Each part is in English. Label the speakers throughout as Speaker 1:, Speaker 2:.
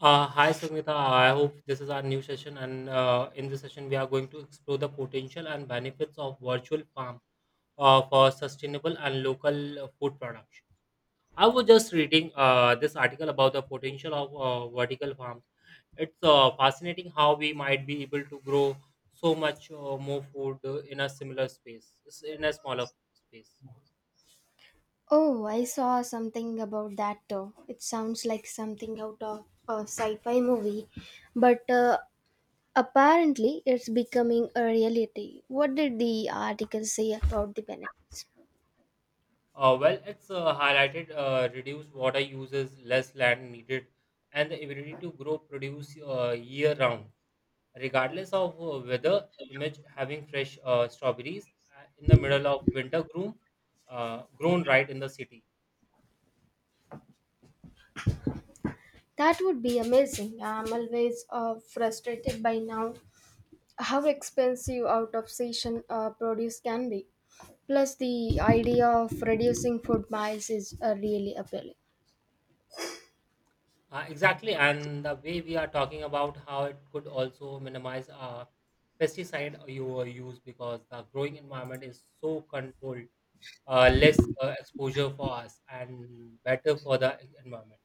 Speaker 1: Hi Sangeeta, I hope this is our new session, and in this session, we are going to explore the potential and benefits of virtual farm for sustainable and local food production. I was just reading this article about the potential of vertical farms. It's fascinating how we might be able to grow so much more food in a similar in a smaller space.
Speaker 2: Oh, I saw something about that too. It sounds like something out of a sci fi movie, but apparently it's becoming a reality. What did the article say about the benefits?
Speaker 1: Well, it's highlighted reduced water uses, less land needed, and the ability to grow produce year round, regardless of weather. Image having fresh strawberries in the middle of winter grown right in the city.
Speaker 2: That would be amazing. I'm always frustrated by now how expensive out of season produce can be. Plus, the idea of reducing food miles is really appealing.
Speaker 1: Exactly, and the way we are talking about how it could also minimize pesticide you use because the growing environment is so controlled, less exposure for us and better for the environment.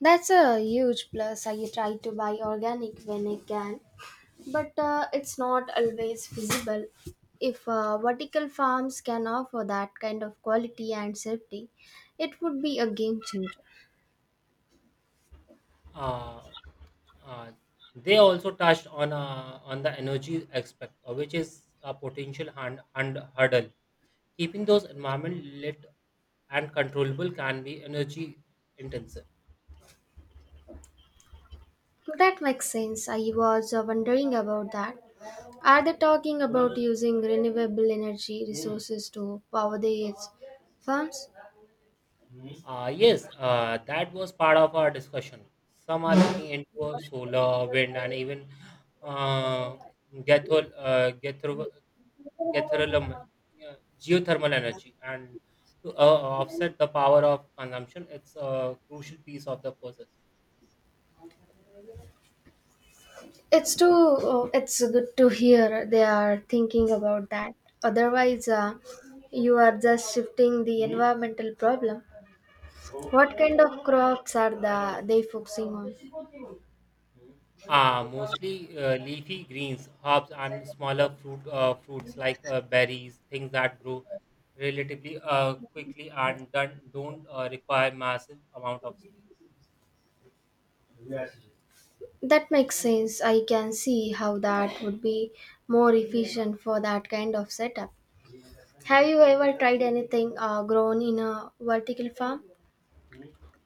Speaker 2: That's a huge plus. I try to buy organic when I can, but it's not always feasible. If vertical farms can offer that kind of quality and safety, it would be a game changer.
Speaker 1: uh, uh, they also touched on the energy aspect, which is a potential hand hurdle. Keeping those environment lit and controllable can be energy intensive.
Speaker 2: That makes sense. I was wondering about that. Are they talking about using renewable energy resources to power these farms?
Speaker 1: Yes, that was part of our discussion. Some are looking into solar, wind, and even uh, gethol, uh, gethro, gethrolum- yeah, geothermal energy. And to offset the power of consumption, it's a crucial piece of the puzzle.
Speaker 2: It's too. Oh, it's good to hear they are thinking about that. Otherwise, you are just shifting the environmental problem. What kind of crops are they focusing on?
Speaker 1: Mostly leafy greens, herbs, and smaller fruits like berries, things that grow relatively quickly and don't require massive amount of space.
Speaker 2: That makes sense. I can see how that would be more efficient for that kind of setup. Have you ever tried anything grown in a vertical farm?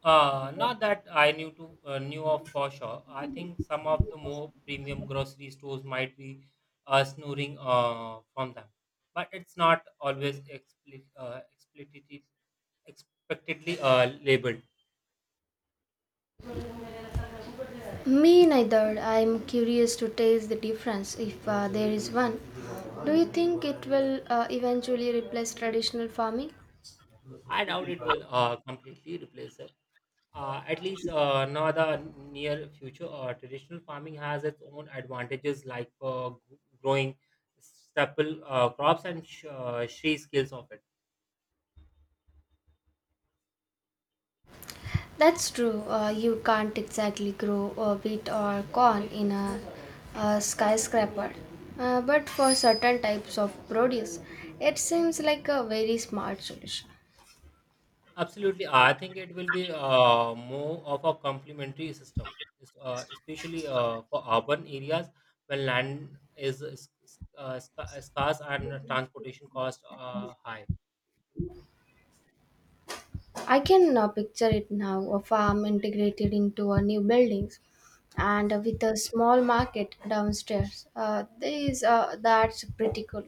Speaker 1: Not that I knew of for sure. I think some of the more premium grocery stores might be snoring from them, but it's not always explicitly expectedly labeled.
Speaker 2: Me neither. I'm curious to taste the difference if there is one. Do you think it will eventually replace traditional farming?
Speaker 1: I doubt it will completely replace it. At least not the near future. Traditional farming has its own advantages, like growing staple crops and tree skills of it.
Speaker 2: That's true. You can't exactly grow a wheat or corn in a skyscraper. But for certain types of produce, it seems like a very smart solution.
Speaker 1: Absolutely. I think it will be more of a complementary system, especially for urban areas where land is scarce and transportation costs are high.
Speaker 2: I can picture it now, a farm integrated into a new buildings and with a small market downstairs. That's pretty cool.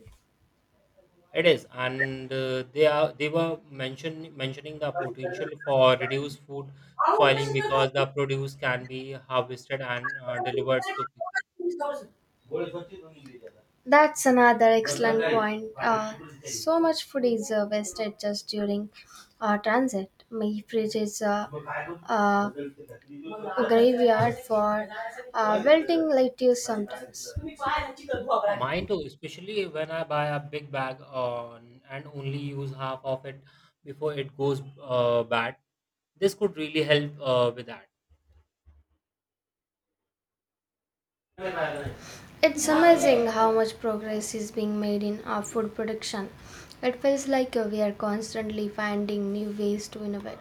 Speaker 1: It is, and they were mentioning the potential for reduced food spoiling because the produce can be harvested and delivered so quickly.
Speaker 2: That's another excellent point. So much food is wasted just during transit. My fridge is uh, a graveyard for wilting lettuce sometimes.
Speaker 1: Mine too, especially when I buy a big bag on and only use half of it before it goes bad. This could really help with that.
Speaker 2: It's amazing how much progress is being made in our food production. It feels like we are constantly finding new ways to innovate.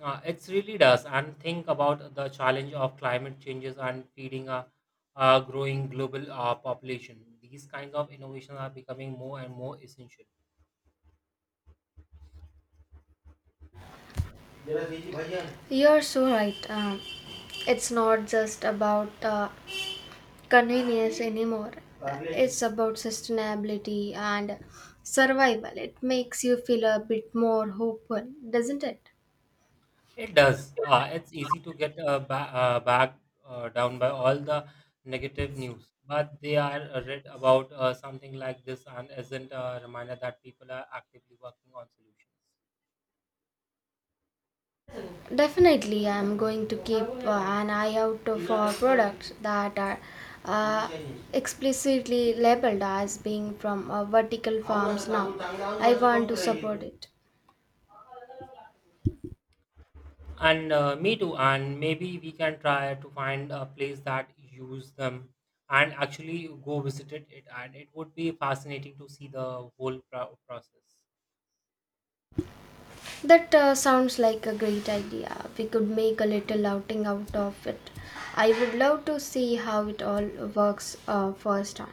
Speaker 1: It really does. And think about the challenge of climate changes and feeding a growing global population. These kinds of innovations are becoming more and more essential.
Speaker 2: You're so right. It's not just about convenience anymore. It's about sustainability and survival. It makes you feel a bit more hopeful, doesn't it?
Speaker 1: It does. It's easy to get back down by all the negative news, but they are read about something like this and isn't a reminder that people are actively working on solutions.
Speaker 2: Definitely, I'm going to keep an eye out for products that are uh, explicitly labeled as being from vertical farms now. I want to support it.
Speaker 1: And me too. And maybe we can try to find a place that use them and actually go visit it. And it would be fascinating to see the whole process.
Speaker 2: That sounds like a great idea. We could make a little outing out of it. I would love to see how it all works first on.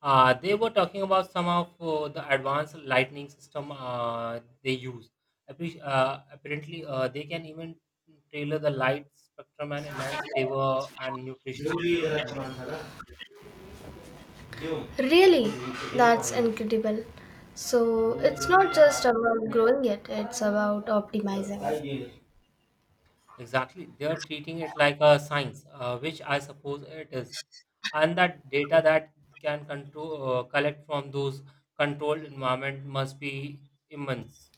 Speaker 1: They were talking about some of the advanced lighting system they use. Apparently, they can even tailor the light spectrum and enhance flavor and nutrition content.
Speaker 2: Really, that's incredible. So it's not just about growing it, it's about optimizing it.
Speaker 1: Exactly, they are treating it like a science, which I suppose it is. And that data that can control collect from those controlled environment must be immense.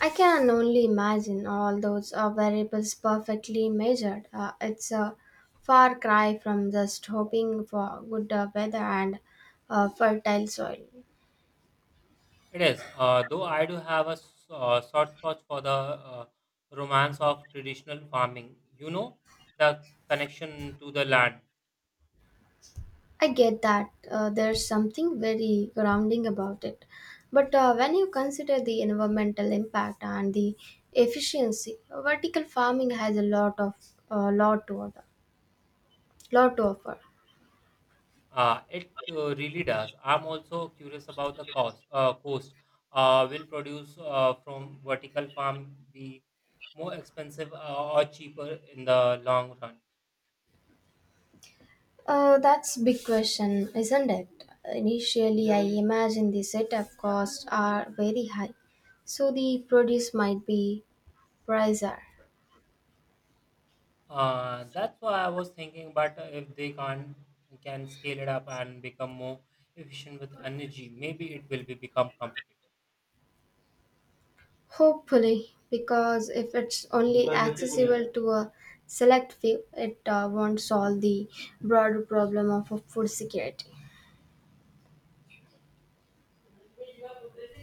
Speaker 2: I can only imagine all those variables perfectly measured. It's a far cry from just hoping for good weather and fertile soil.
Speaker 1: It is, though I do have a soft spot for the uh, romance of traditional farming. You know, the connection to the land.
Speaker 2: I get that there's something very grounding about it. But when you consider the environmental impact and the efficiency, vertical farming has a lot of lot to order, lot to offer.
Speaker 1: It really does. I'm also curious about the cost. Cost will produce from vertical farm be more expensive or cheaper in the long run?
Speaker 2: That's big question, isn't it? Initially, I imagine the setup costs are very high, so the produce might be pricier.
Speaker 1: That's why I was thinking. But if they can't can scale it up and become more efficient with energy, maybe it will be become competitive.
Speaker 2: Hopefully, because if it's only accessible to a select few, it won't solve the broader problem of food security.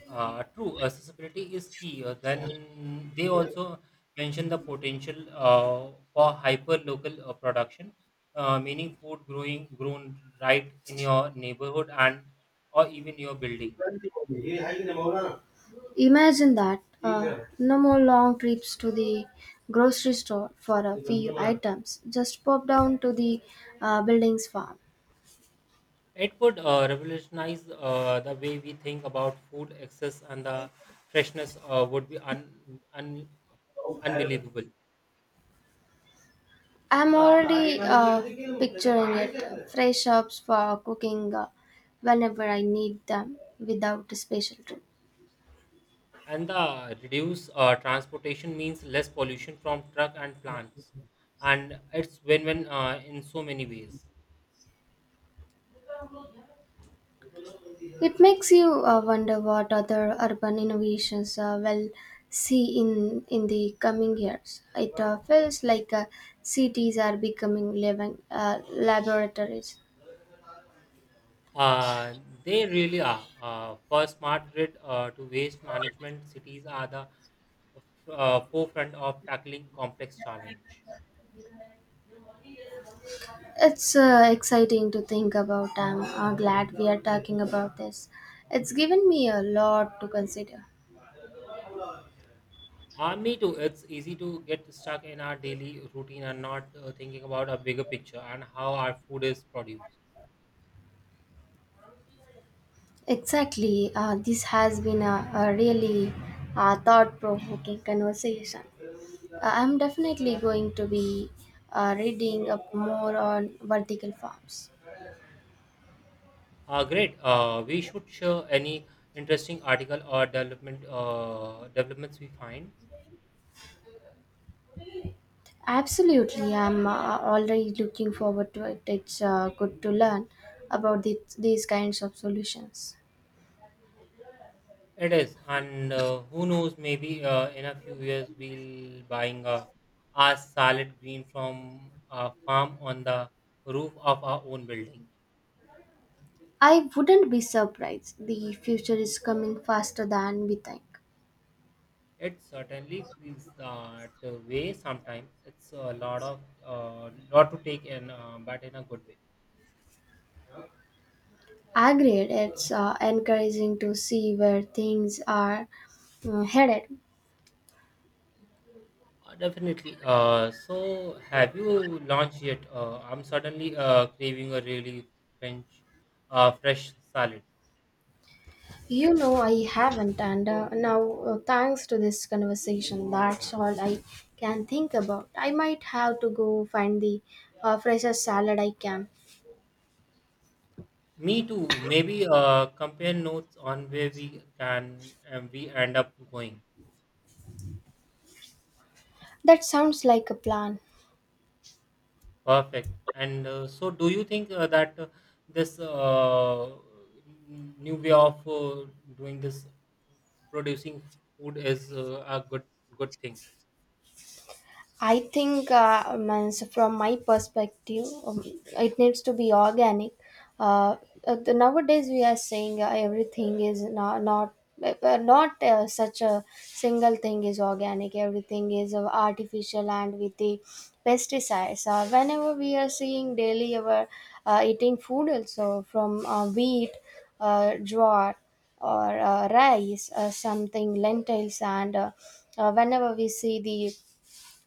Speaker 1: True, accessibility is key. Then they also mention the potential for hyper-local production, meaning food growing grown right in your neighborhood and or even your building.
Speaker 2: Imagine that, no more long trips to the grocery store for a few items, just pop down to the building's farm.
Speaker 1: It could revolutionize the way we think about food access and the freshness would be un, unbelievable.
Speaker 2: I'm already picturing it, fresh herbs for cooking whenever I need them without a special trip.
Speaker 1: And the reduce transportation means less pollution from truck and plants and it's win-win in so many ways.
Speaker 2: It makes you wonder what other urban innovations will see in the coming years. It feels like cities are becoming living laboratories.
Speaker 1: uh, they really are for smart grid to waste management cities are the forefront of tackling complex challenge.
Speaker 2: It's exciting to think about. I'm glad we are talking about this. It's given me a lot to consider.
Speaker 1: Me too, it's easy to get stuck in our daily routine and not thinking about a bigger picture and how our food is produced.
Speaker 2: Exactly. This has been a really thought provoking conversation. I'm definitely going to be reading up more on vertical farms.
Speaker 1: Great. We should share any interesting article or developments we find.
Speaker 2: Absolutely. I'm already looking forward to it. It's good to learn about these kinds of solutions.
Speaker 1: It is, and who knows? Maybe in a few years we'll buying a salad green from a farm on the roof of our own building.
Speaker 2: I wouldn't be surprised. The future is coming faster than we think.
Speaker 1: It certainly feels that way. Sometimes it's a lot to take in, but in a good way.
Speaker 2: Agreed. It's encouraging to see where things are headed.
Speaker 1: Definitely. So, have you launched yet? I'm suddenly craving a really French, fresh salad.
Speaker 2: You know, I haven't, and now, thanks to this conversation, that's all I can think about. I might have to go find the freshest salad I can.
Speaker 1: Me too. Maybe compare notes on where we can and we end up going.
Speaker 2: That sounds like a plan.
Speaker 1: Perfect. And so, do you think that this uh, new way of doing this, producing food, is a good thing?
Speaker 2: I think, means from my perspective, it needs to be organic. Uh, Nowadays, we are saying everything is not such a single thing is organic. Everything is artificial and with the pesticides. Whenever we are seeing daily our eating food also from wheat, jowar, or rice, something lentils, and whenever we see the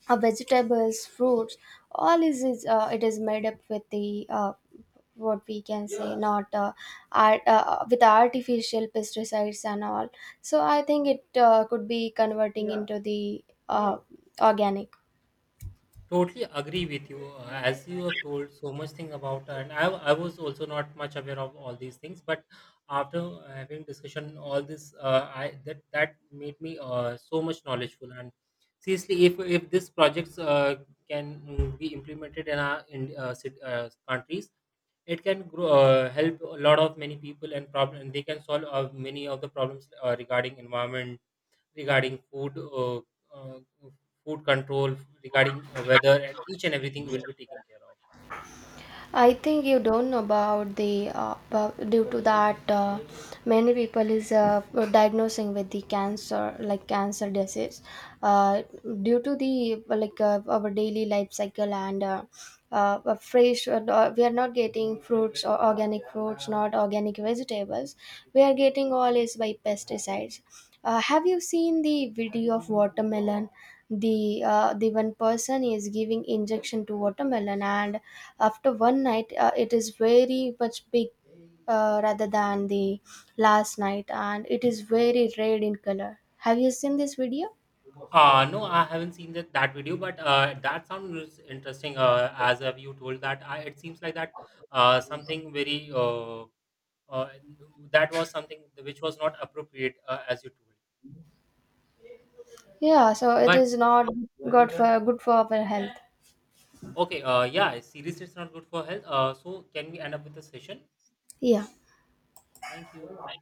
Speaker 2: vegetables, fruits, all is it is made up with the what we can say. Yeah. not art, With artificial pesticides and all. So I think it could be converting. Yeah. Into the organic.
Speaker 1: Totally agree with you. As you have told so much thing about, and I was also not much aware of all these things. But after having discussion, all this, I that made me so much knowledgeful. And seriously, if this projects can be implemented in our in countries, it can grow, help a lot of many people and problem. And they can solve many of the problems regarding environment regarding food, uh, food control, regarding weather, and each and everything will be taken care of.
Speaker 2: I think you don't know about due to that, many people is diagnosing with the cancer, like cancer disease, uh, due to the, like, our daily life cycle and a fresh no, we are not getting fruits or organic fruits, not organic vegetables, we are getting all is by pesticides. Have you seen the video of watermelon? The one person is giving injection to watermelon, and after one night, it is very much big rather than the last night, and it is very red in color. Have you seen this video?
Speaker 1: No, I haven't seen that video, but that sounds interesting. As you told that, I, it seems like that something very uh, that was something which was not appropriate as you told.
Speaker 2: Yeah, so it
Speaker 1: But
Speaker 2: is not good for good for our health.
Speaker 1: okay, yeah, seriously, it's not good for health. So can we end up with the session?
Speaker 2: Yeah.
Speaker 1: Thank you.